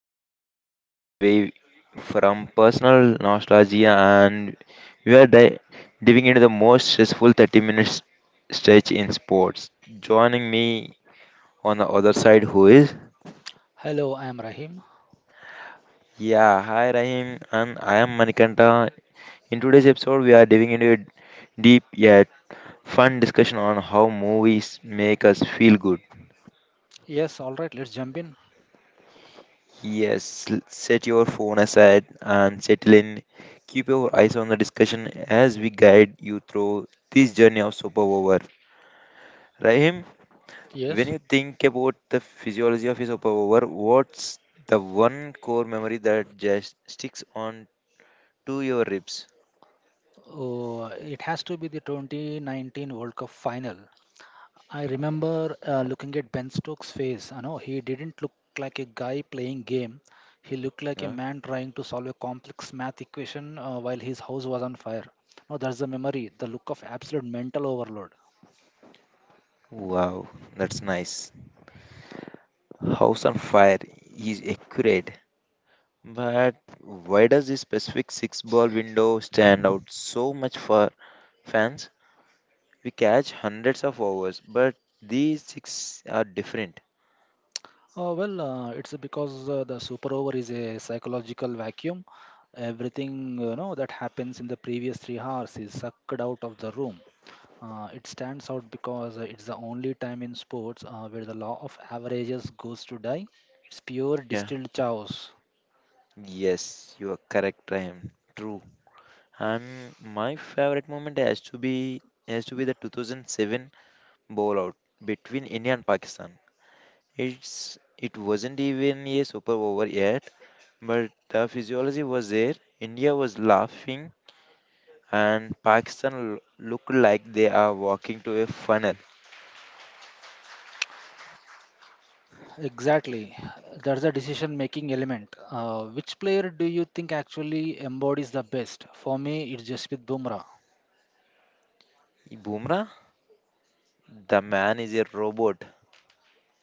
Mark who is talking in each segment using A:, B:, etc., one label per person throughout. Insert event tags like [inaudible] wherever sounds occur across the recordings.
A: where we are moving away from personal nostalgia and we are di- diving into the most stressful 30 minutes stretch in sports. Joining me on the other side, who is?
B: Hello, I am Rahim.
A: Yeah, hi Rahim, and I am Manikanta. In today's episode, we are diving into a deep yet fun discussion on how movies make us feel good.
B: Yes, all right, let's jump in.
A: Yes, set your phone aside and settle in. Keep your eyes on the discussion as we guide you through this journey of superpower. Rahim, when
B: Yes,
A: you think about the physiology of a superpower, what's the one core memory that just sticks on to your ribs?
B: uh, it has to be the 2019 World Cup final. I remember looking at Ben Stokes' face. I know he didn't look like a guy playing game. He looked like a
A: Huh?
B: man trying to solve a complex math equation while his house was on fire. No, that's the memory, the look of absolute mental overload.
A: Wow, that's nice. House on fire is accurate. But why does this specific six ball window stand out so much for fans? We catch hundreds of hours, but these six are different.
B: It's because the super over is a psychological vacuum. Everything you know that happens in the previous 3 hours is sucked out of the room. It stands out because it's the only time in sports where the law of averages goes to die. It's pure
A: Yeah.
B: distilled chaos.
A: Yes, you are correct, Rahim. True. My favorite moment has to be the 2007 bowl out between India and Pakistan. It's it wasn't even a super over yet, but the physiology was there. India was laughing, and Pakistan looked like they are walking to a funnel.
B: Exactly. That's the decision making element. Which player do you think actually embodies the best? For me, it's Jasprit Bumrah.
A: Bumrah, the man is a robot.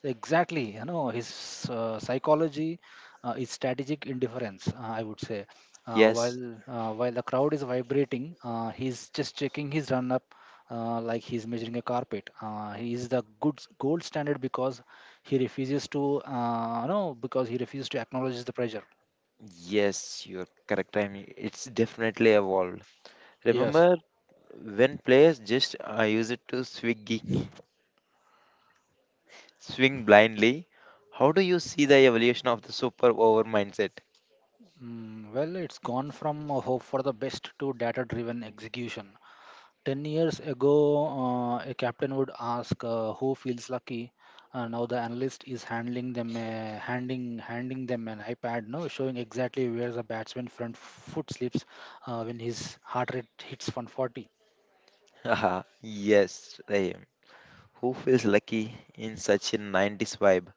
B: Exactly, you know, his psychology is strategic indifference, I would say. Uh,
A: Yes,
B: while uh, while the crowd is vibrating, he's just checking his run up like he's measuring a carpet. He is the gold standard because he refuses to, no, because he refuses to acknowledge the pressure.
A: yes, you're correct. I mean, it's definitely evolved.
B: Yes.
A: Remember when players just use it to swing, [laughs] swing blindly? How do you see the evolution of the super over mindset?
B: Mm, well, it's gone from a hope for the best to data-driven execution. 10 years ago, a captain would ask who feels lucky. Now the analyst is handling them, handing them an iPad, no, showing exactly where the batsman front foot slips when his heart rate hits 140.
A: Haha, yes, Rahim. Who feels lucky in such a 90s vibe?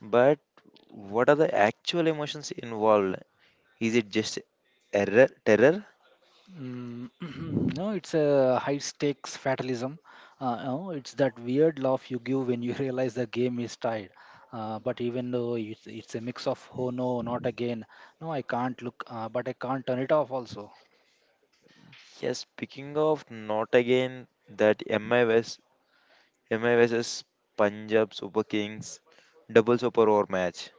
A: But what are the actual emotions involved? Is it just error, terror?
B: [clears throat] No, it's a high stakes fatalism. No, It's that weird laugh you give when you [laughs] realize the game is tied. But even though it's a mix of oh no, not again, no, I can't look, but I can't turn it off also.
A: Yes, speaking of not again, that MIS MI versus Punjab Super Kings double super over match.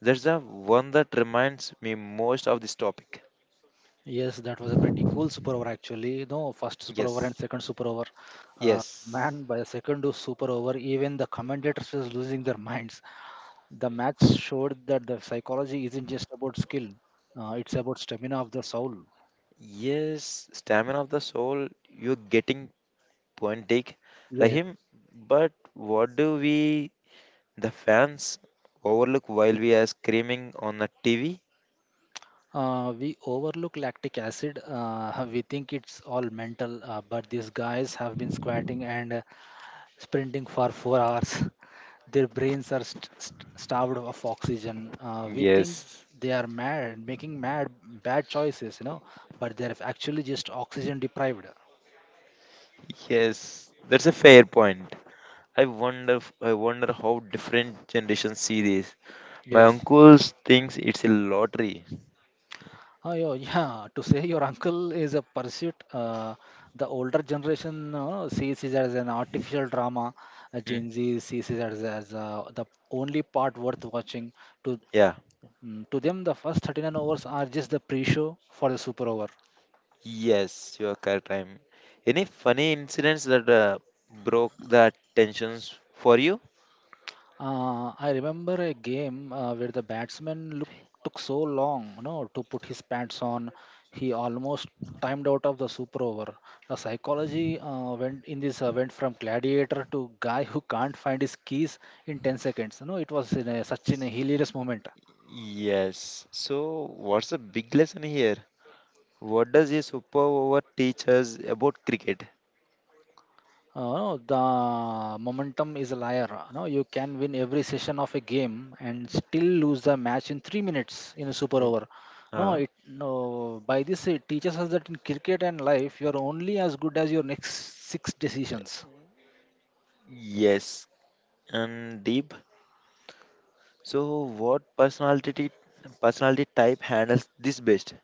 A: That's the one that reminds me most of this topic.
B: Yes, that was a pretty cool super over actually. No, first super over and
A: Yes,
B: second super over.
A: yes,
B: Man, by the second super over, even the commentators was losing their minds. The match showed that the psychology isn't just about skill; it's about stamina of the soul.
A: yes. Stamina of the soul. You're getting point take,
B: Yes.
A: Rahim. But what do we, the fans, overlook while we are screaming on the TV?
B: We overlook lactic acid. [laughs] We think it's all mental, but these guys have been squatting and sprinting for 4 hours. [laughs] Their brains are starved of oxygen. We think
A: Yes,
B: they are mad, making mad bad choices, you know, but they're actually just oxygen deprived.
A: yes. That's a fair point. I wonder how different generations see this. My
B: Yes.
A: uncle thinks it's a lottery.
B: Oh, yo, [laughs] yeah. To say your uncle is a pursuit, the older generation sees it as an artificial drama.
A: Hmm.
B: Gen Z sees it as the only part worth watching. To
A: Yeah.
B: to them, the first 39 overs are just the pre-show for the super over.
A: Yes, you are correct. I'm. Any funny incidents that broke the tensions for you?
B: I remember a game where the batsman took so long, you know, to put his pants on. He almost timed out of the super over. The psychology went in this went from gladiator to guy who can't find his keys in 10 seconds. You know, it was such in a hilarious moment.
A: Yes. So, what's the big lesson here? What does a superpower teach us about cricket?
B: The momentum is a liar. No, you can win every session of a game and still lose the match in 3 minutes in a super
A: Oh,
B: over. No,
A: Uh,
B: it no. By this, it teaches us that in cricket and life, you are only as good as your next six decisions.
A: yes. And Deep. So, what personality type handles this best?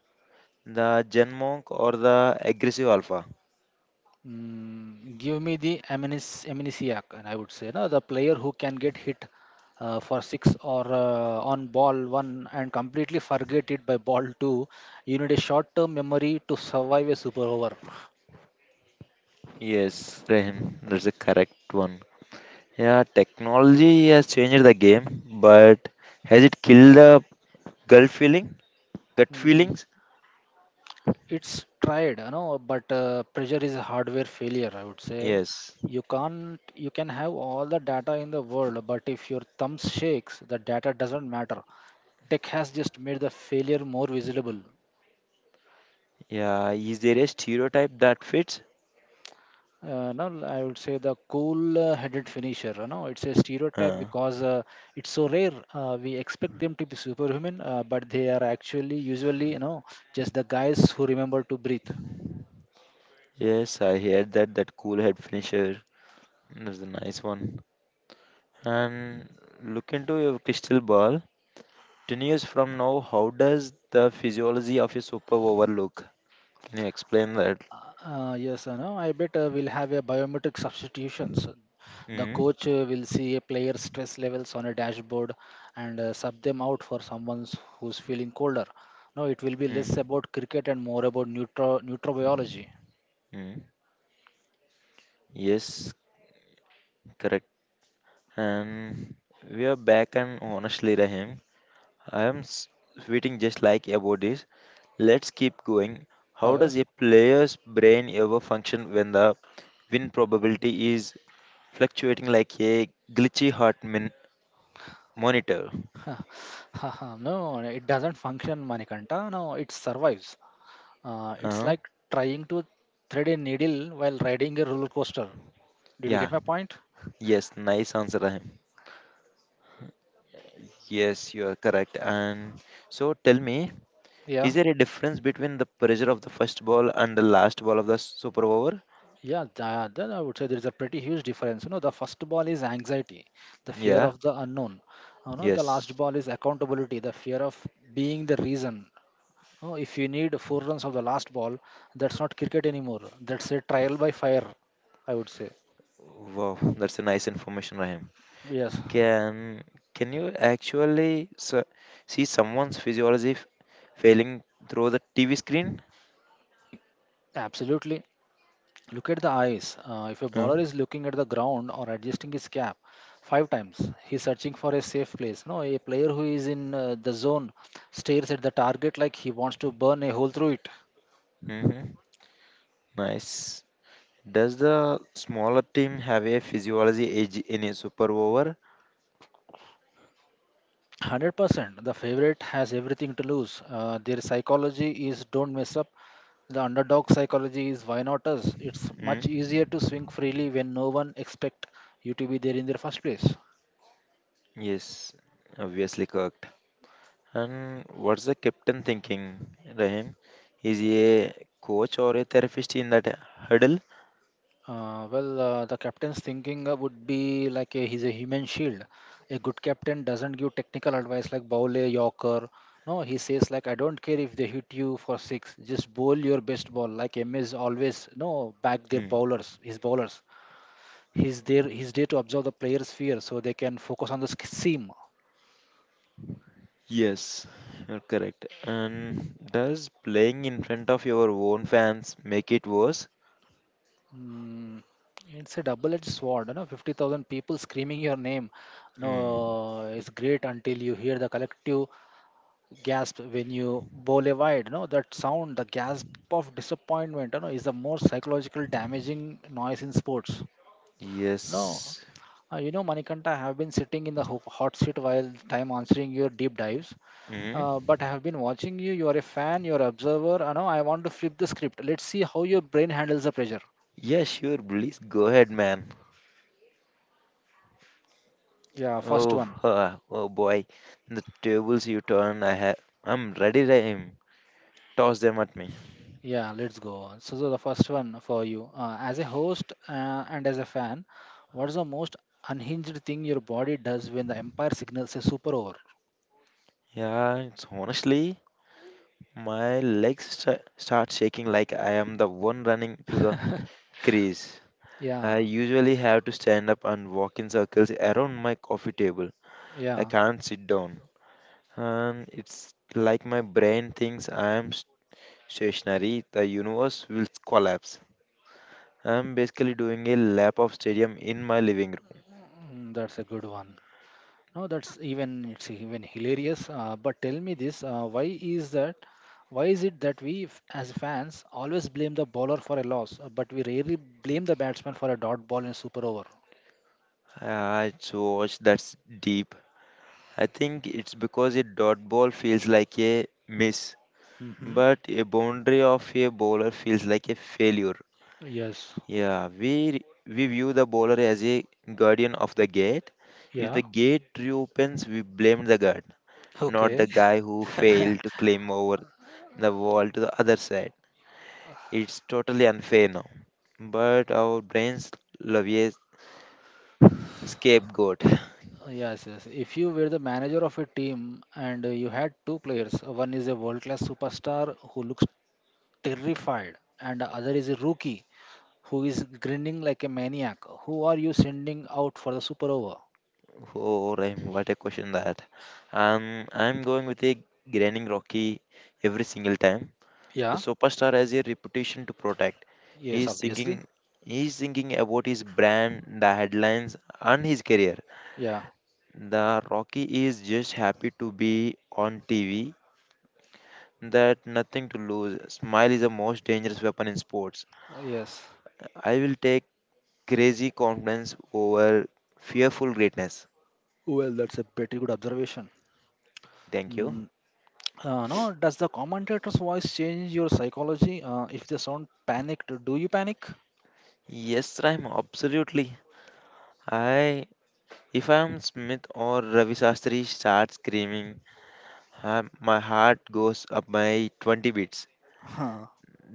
A: The Gen Monk or the aggressive alpha?
B: Mm, give me the amnesiac, and I would say, no, the player who can get hit for six or on ball one and completely forget it by ball two. You need a short-term memory to survive a super over.
A: Yes, Rahim. That's the correct one. Yeah, technology has changed the game, but has it killed the gut feeling? Gut
B: Mm,
A: feelings?
B: it's tried, you know, but pressure is a hardware failure, I would say.
A: Yes.
B: You can't you can have all the data in the world, but if your thumb shakes, the data doesn't matter. Tech has just made the failure more visible.
A: Yeah. Is there a stereotype that fits?
B: No, I would say the cool-headed finisher. You know, it's a stereotype
A: Uh,
B: because it's so rare. We expect them to be superhuman, but they are actually usually, you know, just the guys who remember to breathe.
A: yes, I heard that that cool head finisher. That's a nice one. And look into your crystal ball. 10 years from now, how does the physiology of your superpower look? Can you explain that?
B: Yes, I know. I bet we'll have a biometric substitutions. The
A: Mm,
B: coach will see a player's stress levels on a dashboard and sub them out for someone who's feeling colder. No, it will be less
A: mm,
B: about cricket and more about neutrobiology.
A: mm. Yes, correct. And we are back and honestly, Rahim. I am s- Sweating just like about this. Let's keep going. How
B: Huh?
A: does a player's brain ever function when the win probability is fluctuating like a glitchy heart monitor?
B: [laughs] No, it doesn't function, Manikanta. No, it survives. It's
A: Uh,
B: like trying to thread a needle while riding a roller coaster. Did you
A: yeah,
B: get my point?
A: yes, nice answer, Rahim. Yes, you are correct. And so tell me,
B: Yeah.
A: is there a difference between the pressure of the first ball and the last ball of the super over?
B: Yeah, that, then I would say there is a pretty huge difference. You know, the first ball is anxiety, the fear
A: Yeah,
B: of the unknown. You know, the
A: yes.
B: last ball is accountability, the fear of being the reason. You know, if you need four runs of the last ball, that's not cricket anymore. That's a trial by fire, I would say.
A: Wow, that's a nice information, Rahim.
B: Yes,
A: Can can you actually see someone's physiology failing through the TV screen?
B: absolutely. Look at the eyes. If a
A: Uh,
B: bowler is looking at the ground or adjusting his cap five times, he's searching for a safe place. No, a player who is in the zone stares at the target like he wants to burn a hole through it.
A: Mm-hmm. Nice. Does the smaller team have a physiology edge in a super over?
B: 100% the favorite has everything to lose. Their psychology is don't mess up. The underdog psychology is why not us? It's much
A: Mm?
B: easier to swing freely when no one expect you to be there in the first place.
A: Yes, obviously correct. And what's the captain thinking, Rahim? Is he a coach or a therapist in that hurdle?
B: The captain's thinking would be like a, he's a human shield. A good captain doesn't give technical advice like bowl a yorker. No, he says like I don't care if they hit you for six, just bowl your best ball. Like MS always no back their bowlers, his bowlers. He's there to observe the player's fear so they can focus on the seam.
A: Yes, you're correct. And does playing in front of your own fans make it worse?
B: Mm, it's a double-edged sword, you know, 50,000 people screaming your name. No,
A: Mm.
B: it's great until you hear the collective gasp when you bowl a wide. You know that sound, the gasp of disappointment, you know, is the most psychological damaging noise in sports. No,
A: Yes.
B: you know, Manikanta, I have been sitting in the hot seat while time answering your deep dives.
A: Mm.
B: But I have been watching you. You are a fan. You are observer. I know. I want to flip the script. Let's see how your brain handles the pressure.
A: Yeah, sure, please go ahead, man.
B: Yeah, first
A: Oh,
B: one.
A: ah, oh boy, the tables you turn, I have. I'm ready to aim. Toss them at me.
B: Yeah, let's go on. So the first one for you, as a host and as a fan, what's the most unhinged thing your body does when the umpire signals a super over?
A: Yeah, it's honestly, my legs start shaking like I am the one running to the
B: [laughs]
A: crease.
B: Yeah,
A: I usually have to stand up and walk in circles around my coffee table. I
B: yeah,
A: can't sit down. And it's like my brain thinks stationary, the universe will collapse. I'm basically doing a lap of stadium in my living room.
B: that's a good one. No, that's even it's even hilarious. But tell me this: why is that? Why is it that we, as fans, always blame the bowler for a loss, but we rarely blame the batsman for a dot ball in super over?
A: I so watch that's deep. I think it's because a dot ball feels like a miss,
B: Mm-hmm.
A: but a boundary of a bowler feels like a failure.
B: Yes.
A: Yeah, we view the bowler as a guardian of the gate. If
B: Yeah.
A: the gate reopens, we blame the guard, not
B: Okay.
A: the guy who failed to climb over the wall to the other side. It's totally unfair now. But our brains love a scapegoat. [laughs]
B: Yes. If you were the manager of a team and you had two players, one is a world-class superstar who looks terrified, and the other is a rookie who is grinning like a maniac, who are you sending out for the super over?
A: Oh, Rahim, what a question that. I'm going with a grinning Rocky every single time. The
B: Yeah,
A: superstar has a reputation to protect.
B: yes,
A: He's
B: obviously.
A: thinking, he's thinking about his brand, the headlines, and his career.
B: Yeah,
A: The Rocky is just happy to be on TV that nothing to lose. Smile is the most dangerous weapon in sports.
B: yes.
A: I will take crazy confidence over fearful greatness.
B: Well, that's a pretty good observation.
A: Thank you.
B: Mm, no, does the commentator's voice change your psychology? If they sound panicked, do you panic?
A: Yes, Rhyme, absolutely. I if I am Smith or Ravi Shastri start screaming, my heart goes up by 20 beats.
B: Huh,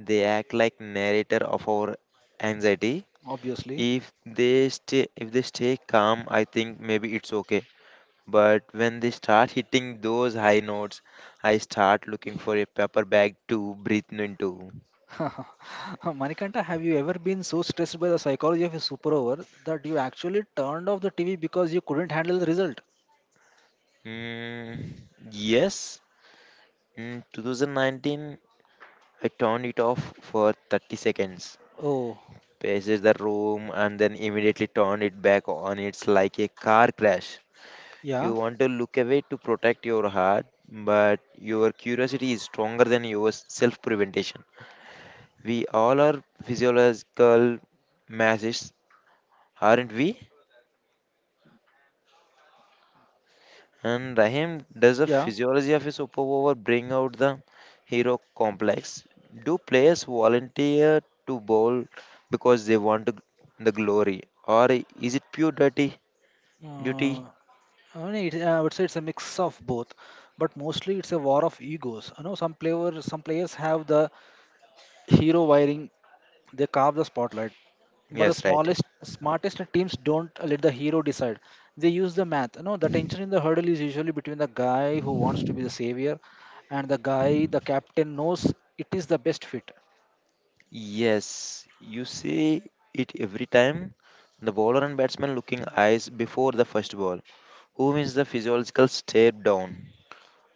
A: They act like narrator of our anxiety.
B: obviously.
A: If they stay calm, I think maybe it's okay. But when they start hitting those high notes, I start looking for a paper bag to breathe into.
B: [laughs] Manikanta, have you ever been so stressed by the psychology of a super over that you actually turned off the TV because you couldn't handle the result?
A: Mm, yes, in 2019, I turned it off for 30 seconds,
B: Oh,
A: paces the room, and then immediately turned it back on. It's like a car crash. You
B: yeah,
A: want to look away to protect your heart, but your curiosity is stronger than your self preventation. We all are physiological masses, aren't we? And Rahim, does the
B: yeah.
A: physiology of a superpower bring out the hero complex? Do players volunteer to bowl because they want the glory, or is it pure dirty
B: Uh,
A: duty?
B: I mean, I would say it's a mix of both, but mostly it's a war of egos. You know, some players have the hero wiring. They carve the spotlight, but the
A: Yes, right.
B: smallest smartest teams don't let the hero decide. They use the math. You know, the tension in the hurdle is usually between the guy who wants to be the savior and the guy the captain knows it is the best fit.
A: Yes, you see it every time. The bowler and batsman looking eyes before the first ball. Who wins the physiological step down?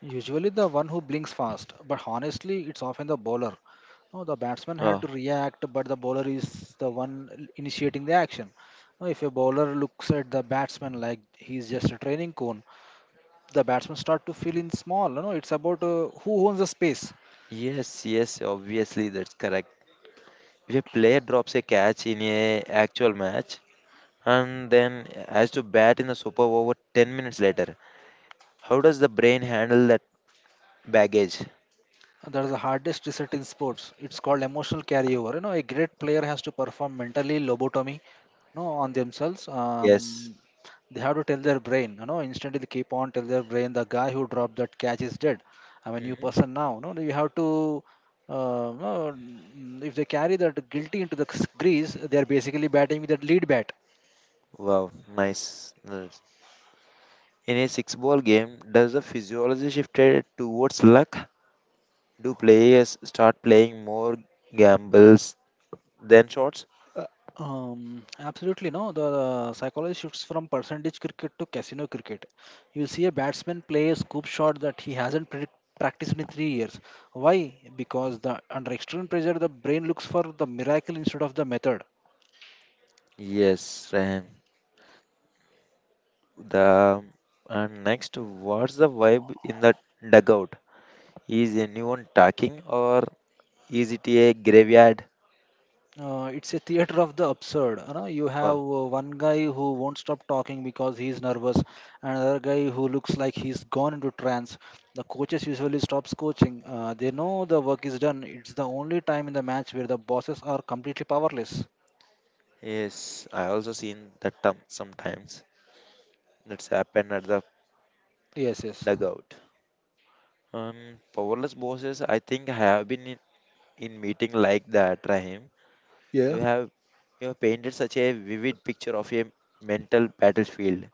B: Usually the one who blinks fast, but honestly it's often the bowler. No, the batsman had
A: Oh,
B: to react, but the bowler is the one initiating the action. Now, if a bowler looks at the batsman like he's just a training cone, the batsman start to feel in small. You know, it's about who owns the space.
A: yes, yes, obviously that's correct. If a player drops a catch in a actual match, and then has to bat in the super over 10 minutes later. How does the brain handle that baggage?
B: That's the hardest reset in sports. It's called emotional carryover. You know, a great player has to perform mentally lobotomy, no, on themselves.
A: Yes.
B: They have to tell their brain, you know, instantly they keep on tell their brain the guy who dropped that catch is dead. I'm a new
A: Hmm.
B: person now. No, you have to. No, if they carry that guilty into the crease, they are basically batting with that lead bat.
A: Wow, nice. Nice. In a six ball game, does the physiology shifted towards luck? Do players start playing more gambles than shots?
B: Uh, Absolutely no. The psychology shifts from percentage cricket to casino cricket. You'll see a batsman play a scoop shot that he hasn't practiced in 3 years. Why? Because the under extreme pressure, the brain looks for the miracle instead of the method.
A: Yes, and the and next, what's the vibe in the dugout? Is anyone talking or is it a graveyard?
B: It's a theater of the absurd. You have one guy who won't stop talking because he's nervous, and another guy who looks like he's gone into trance. The coaches usually stops coaching. They know the work is done. It's the only time in the match where the bosses are completely powerless.
A: Yes, I also seen that term sometimes. That's happened at the
B: Yes, yes.
A: dugout. Powerless bosses, I think have been in meeting like that, Rahim. You
B: Yeah.
A: have you have painted such a vivid picture of a mental battlefield.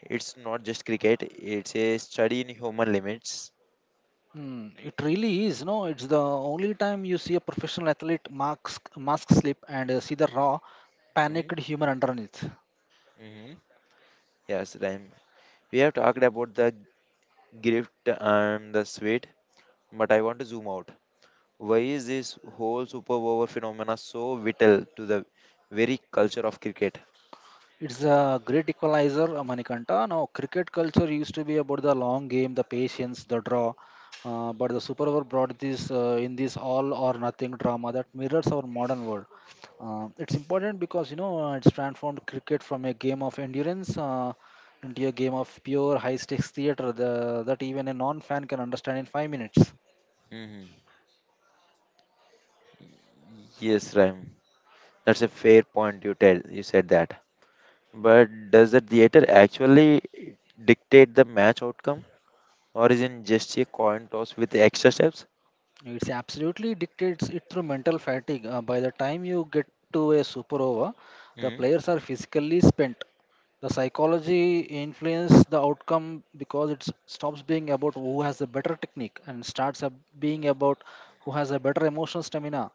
A: It's not just cricket; it's a study in human limits.
B: Hmm, it really is. No, it's the only time you see a professional athlete mask slip and see the raw, panicked human underneath.
A: Mm-hmm. Yes, Rahim. We have talked about the gift and the sweet, but I want to zoom out. Why is this whole super over phenomena so vital to the very culture of cricket?
B: It's a great equalizer, Manikanta. Now, cricket culture used to be about the long game, the patience, the draw. But the Super Over brought this in this all or nothing drama that mirrors our modern world. It's important because it's transformed cricket from a game of endurance into a game of pure high stakes theatre the, that even a non fan can understand in 5 minutes.
A: Hmm. Yes, Ram. That's a fair point you tell. You said that. But does the theater actually dictate the match outcome, or is it just a coin toss with extra steps?
B: It's absolutely dictates it through mental fatigue. By the time you get to a super over, the
A: Hmm.
B: players are physically spent. The psychology influences the outcome because it stops being about who has a better technique and starts up being about who has a better emotional stamina.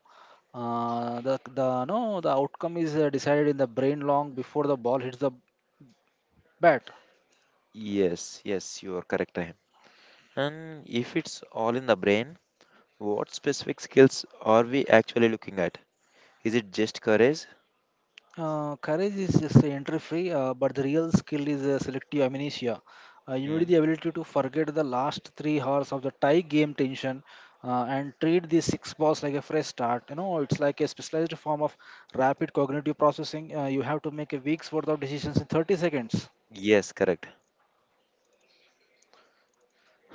B: The no the outcome is decided in the brain long before the ball hits the bat.
A: Yes, yes, you are correct, Rahim. And if it's all in the brain, what specific skills are we actually looking at? Is it just courage?
B: Courage is just entry free, but the real skill is selective amnesia. You need
A: Hmm.
B: the ability to forget the last 3 hours of the tie game tension and treat the six balls like a fresh start. It's like a specialized form of rapid cognitive processing. You have to make a week's worth of decisions in 30 seconds.
A: Yes, correct.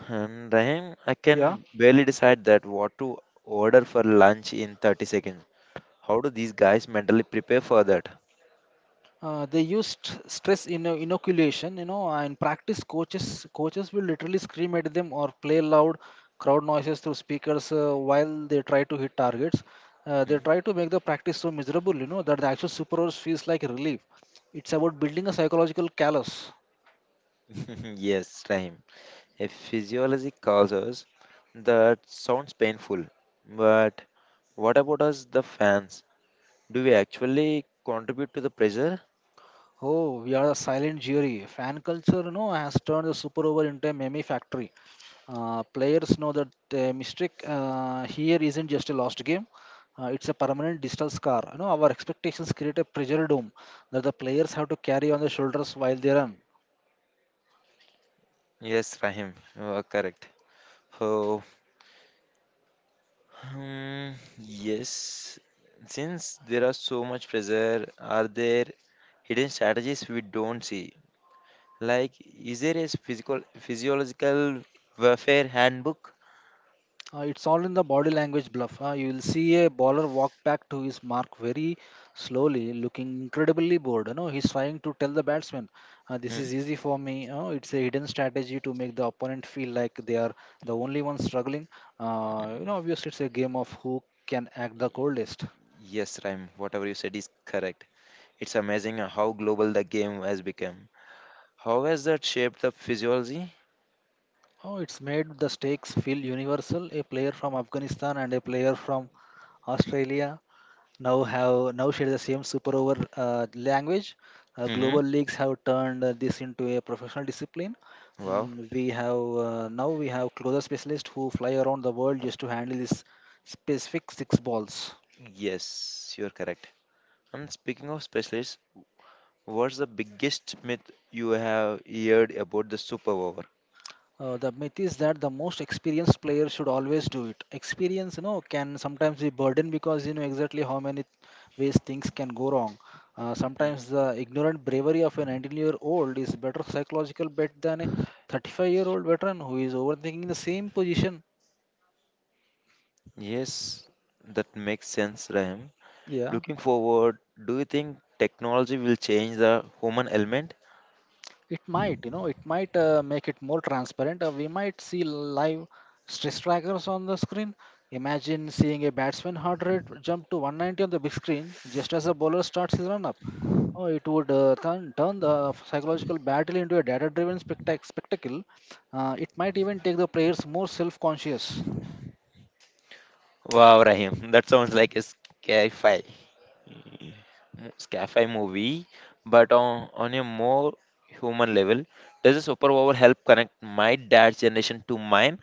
A: And Rahim, I
B: Yeah.
A: can barely decide that what to order for lunch in 30 seconds. How do these guys mentally prepare for that?
B: They used stress inoculation and practice coaches will literally scream at them or play loud crowd noises through speakers while they try to hit targets. They try to make the practice so miserable that the actual super superheroes feels like relief. It's about building a psychological callus.
A: Hmm? [laughs] yes, Rahim. A physiology calls us that sounds painful, but what about us, the fans? Do we actually contribute to the pressure?
B: Oh, we are a silent jury. Fan culture has turned the super over into a meme factory. Players know that mistake here isn't just a lost game. It's a permanent digital scar. Our expectations create a pressure dome that the players have to carry on their shoulders while they run.
A: Yes, Rahim, you are correct. Oh, hmm, yes. Since there are so much pressure, are there hidden strategies we don't see? Like, is there a physical physiological warfare handbook?
B: It's all in the body language bluff. You will see a bowler walk back to his mark very slowly, looking incredibly bored. He's trying to tell the batsman, "This
A: Hmm?
B: is easy for me." It's a hidden strategy to make the opponent feel like they are the only one struggling. Obviously, it's a game of who can act the coldest.
A: Yes, Rhyme, whatever you said is correct. It's amazing how global the game has become. How has that shaped the physiology?
B: Oh, it's made the stakes feel universal. A player from Afghanistan and a player from Australia now share the same super over language.
A: Mm-hmm.
B: Global leagues have turned this into a professional discipline.
A: Wow.
B: Mm, we have Now we have closer specialists who fly around the world just to handle this specific six balls.
A: Yes, you're correct. And speaking of specialists, what's the biggest myth you have heard about the superpower?
B: The myth is that the most experienced player should always do it. Experience, can sometimes be burden because you know exactly how many ways things can go wrong.
A: Mm.
B: Sometimes the ignorant bravery of a 19-year-old is better psychological bet than a 35-year-old veteran who is overthinking the same position.
A: Yes, that makes sense, Rahim.
B: Yeah,
A: Looking forward, do you think technology will change the human element?
B: it might, it might make it more transparent. We might see live stress trackers on the screen. Imagine seeing a batsman heart rate jump to 190 on the big screen just as a bowler starts his run up. Oh, it would turn the psychological battle into a data driven spectacle. It might even take the players more self conscious.
A: Wow, Rahim, [laughs] that sounds like a sci-fi, sci-fi movie, but on a more human level, does a superpower help connect my dad's generation to mine?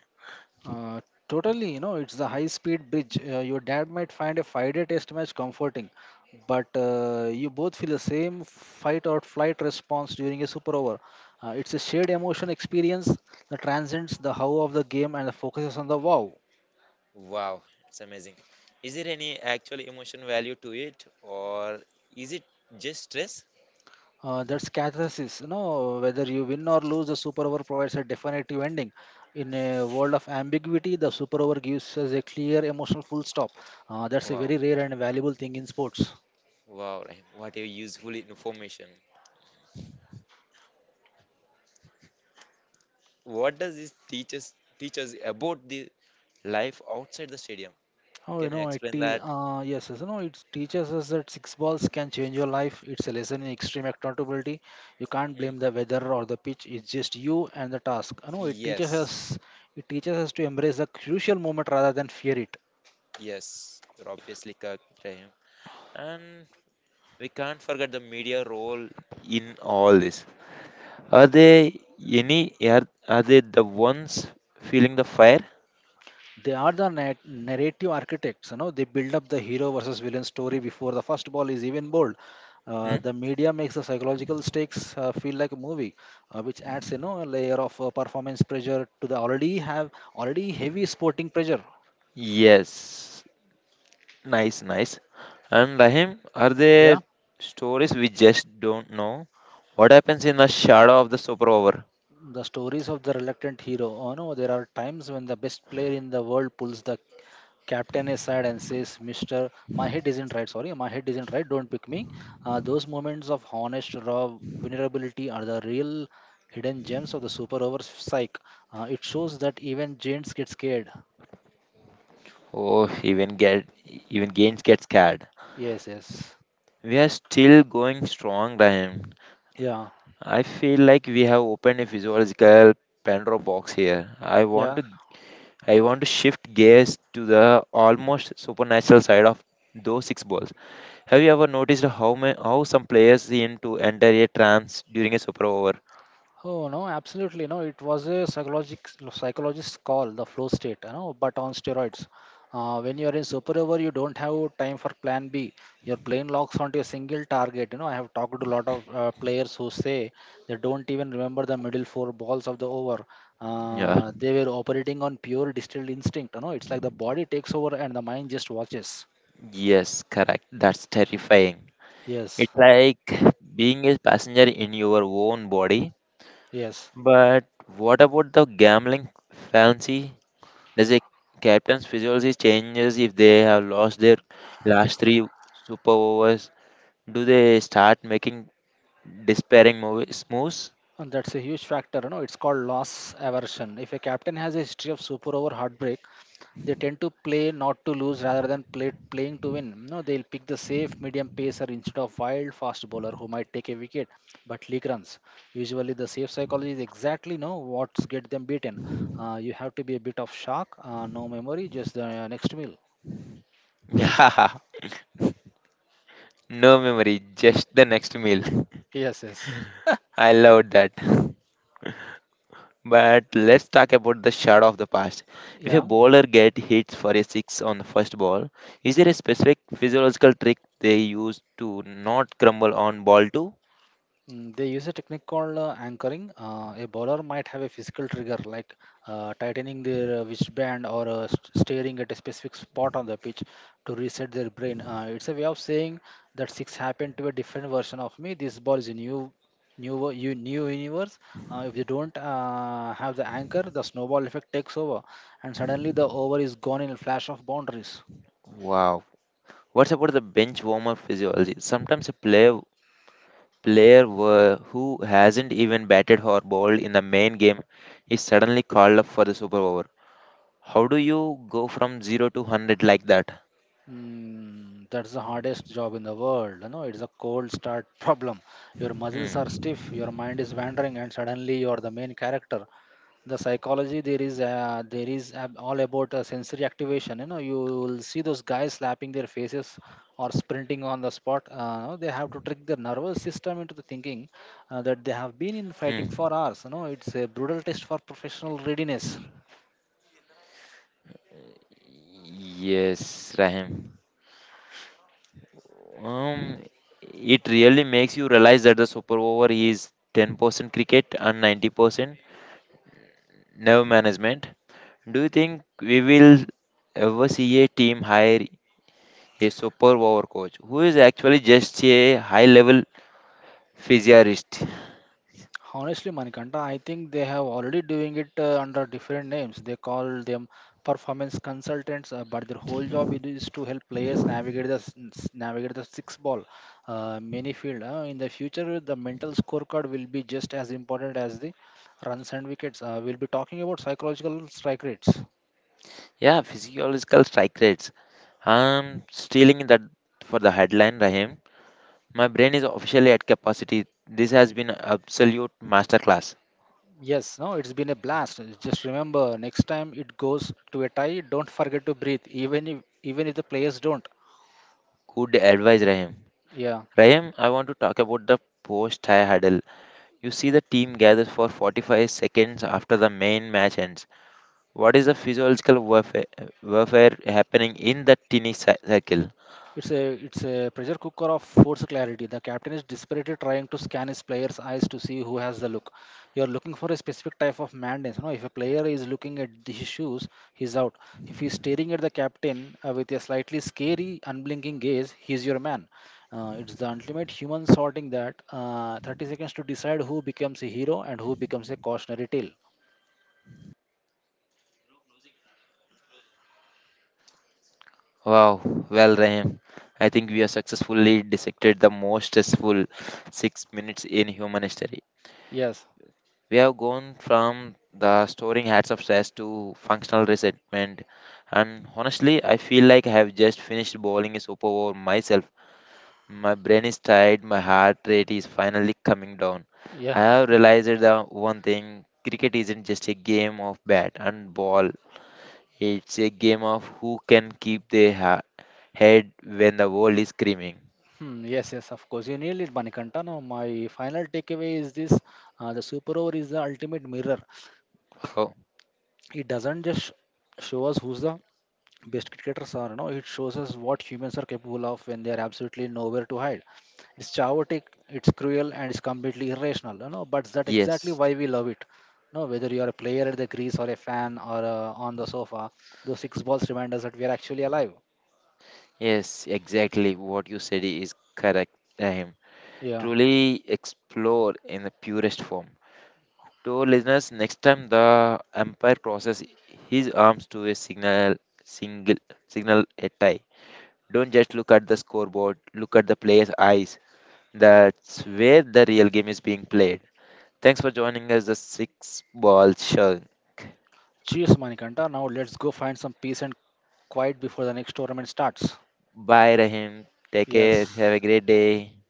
B: Uh, Totally, it's the high speed bridge. Your dad might find a 5 day test match comforting, but you both feel the same fight or flight response during a super over. It's a shared emotion experience that transcends the how of the game and focuses on the wow.
A: Wow, it's amazing. Is there any actual emotion value to it, or is it just stress?
B: That's catharsis, whether you win or lose, the super over provides a definitive ending. In a world of ambiguity, the super over gives us a clear emotional full stop. That's a
A: Wow,
B: very rare and valuable thing in sports.
A: wow, Rahim, what a useful information. What does this teach us about the life outside the stadium? Can you explain that?
B: Yes, yes, it teaches us that six balls can change your life. It's a lesson in extreme accountability. You can't
A: Mm,
B: blame the weather or the pitch. It's just you and the task.
A: yes.
B: It teaches us to embrace the crucial moment rather than fear it.
A: Yes, you're obviously correct, Rahim. And we can't forget the media role in all this. Are they the ones feeling the fire?
B: They are the narrative architects. They build up the hero versus villain story before the first ball is even bowled.
A: Hmm?
B: The media makes the psychological stakes feel like a movie, which adds a layer of performance pressure to the already heavy sporting pressure.
A: Yes. Nice, nice. And Rahim, are
B: Yeah.
A: there stories we just don't know? What happens in the shadow of the super over?
B: The stories of the reluctant hero. Oh no, there are times when the best player in the world pulls the Captain is sad and says, Mr. My head isn't right. Sorry, my head isn't right. Don't pick me. Those moments of honest, raw vulnerability are the real hidden gems of the super over psych. It shows that even giants get scared.
A: Oh, even get even Gaines gets scared.
B: Yes, yes.
A: We are still going strong, Rahim.
B: Yeah,
A: I feel like we have opened a physiological Pandora box here. I want
B: yeah.
A: to I want to shift gears to the almost supernatural side of those six balls. Have you ever noticed how some players seem to enter a trance during a super over?
B: Oh no, absolutely no. It was a psychologic psychologist's call, the flow state, but on steroids. When you're in super over, you don't have time for plan B. Your plane locks onto a single target. I have talked to a lot of players who say they don't even remember the middle four balls of the over.
A: Yeah.
B: They were operating on pure distilled instinct. It's like the body takes over and the mind just watches.
A: Yes, correct. That's terrifying.
B: Yes,
A: It's like being a passenger in your own body.
B: yes.
A: But what about the gambling fancy? Does a captain's physiology changes if they have lost their last three super overs? Do they start making despairing moves?
B: And that's a huge factor. It's called loss aversion. If a captain has a history of super over heartbreak, they tend to play not to lose rather than playing to win. No, they'll pick the safe medium pacer instead of wild fast bowler who might take a wicket but leak runs. Usually, the safe psychology is exactly no what's get them beaten. You have to be a bit of shock, no memory, just the next meal.
A: [laughs] Yeah, no memory, just the next meal.
B: Yes, yes,
A: [laughs] I loved that. But let's talk about the shot of the past. If a
B: yeah.
A: bowler get hit for a six on the first ball, is there a specific physiological trick they use to not crumble on ball two?
B: Mm, they use a technique called anchoring. A bowler might have a physical trigger like tightening their wristband or staring at a specific spot on the pitch to reset their brain. It's a way of saying that six happened to a different version of me. This ball is a new universe. If they don't have the anchor, the snowball effect takes over, and suddenly the over is gone in a flash of boundaries.
A: Wow. What's about the bench warmer physiology? Sometimes a who hasn't even batted or bowled in the main game is suddenly called up for the super over. How do you go from 0 to 100 like that?
B: Mm, that's the hardest job in the world. It's a cold start [laughs] problem. Your muscles are
A: Hmm.
B: stiff, your mind is wandering, and suddenly you are the main character. The psychology there is all about sensory activation. You will see those guys slapping their faces or sprinting on the spot. They have to trick their nervous system into the thinking that they have been in fighting
A: Hmm.
B: for hours. It's a brutal test for professional readiness.
A: Yes, Rahim. Um, it really makes you realize that the super over is 10% cricket and 90% nerve management. Do you think we will ever see a team hire a super over coach who is actually just a high level physiologist?
B: Honestly, Manikanta, I think they have already doing it under different names. They call them performance consultants, but their whole job it is to help players navigate the six ball, many field. In the future, the mental scorecard will be just as important as the runs and wickets. We'll be talking about psychological strike rates.
A: Yeah, physiological strike rates. I'm stealing that for the headline, Rahim. My brain is officially at capacity. This has been an absolute masterclass.
B: Yes, no, it's been a blast. Just remember, next time it goes to a tie, don't forget to breathe, even if the players don't.
A: Good advice, Rahim.
B: Yeah.
A: Rahim, I want to talk about the post high huddle. You see the team gathers for 45 seconds after the main match ends. What is the physiological warfare happening in that tiny circle?
B: It's a pressure cooker of force clarity. The captain is desperately trying to scan his player's eyes to see who has the look. You're looking for a specific type of madness. If a player is looking at his shoes, he's out. If he's staring at the captain with a slightly scary, unblinking gaze, he's your man. It's the ultimate human sorting, that 30 seconds to decide who becomes a hero and who becomes a cautionary tale.
A: Wow, well, Rahim, I think we have successfully dissected the most stressful 6 minutes in human history.
B: Yes,
A: We have gone from the storing hats of stress to functional resentment, and honestly, I feel like I have just finished bowling a super over myself. My brain is tired, my heart rate is finally coming down. I
B: yeah,
A: have realized the one thing cricket isn't just a game of bat and ball, it's a game of who can keep their head when the world is screaming.
B: hmm, yes, yes, of course. You nailed it, Manikanta. Now, my final takeaway is this: the super over is the ultimate mirror.
A: Oh,
B: It doesn't just show us who's the best cricketers are, no, it shows us what humans are capable of when they are absolutely nowhere to hide. It's chaotic, it's cruel, and it's completely irrational, but that's exactly
A: yes.
B: why we love it. No, whether you are a player at the crease or a fan or on the sofa, those six balls remind us that we are actually alive.
A: Yes, exactly what you said is correct, Rahim.
B: Yeah.
A: Truly explore in the purest form. To our listeners, next time the umpire crosses his arms to a single, signal a tie. Don't just look at the scoreboard, look at the player's eyes. That's where the real game is being played. Thanks for joining us, the Six Ball Show.
B: Cheers, Manikanta. Now let's go find some peace and quiet before the next tournament starts.
A: Bye, Rahim. Take
B: Yes.
A: care. Have a great day.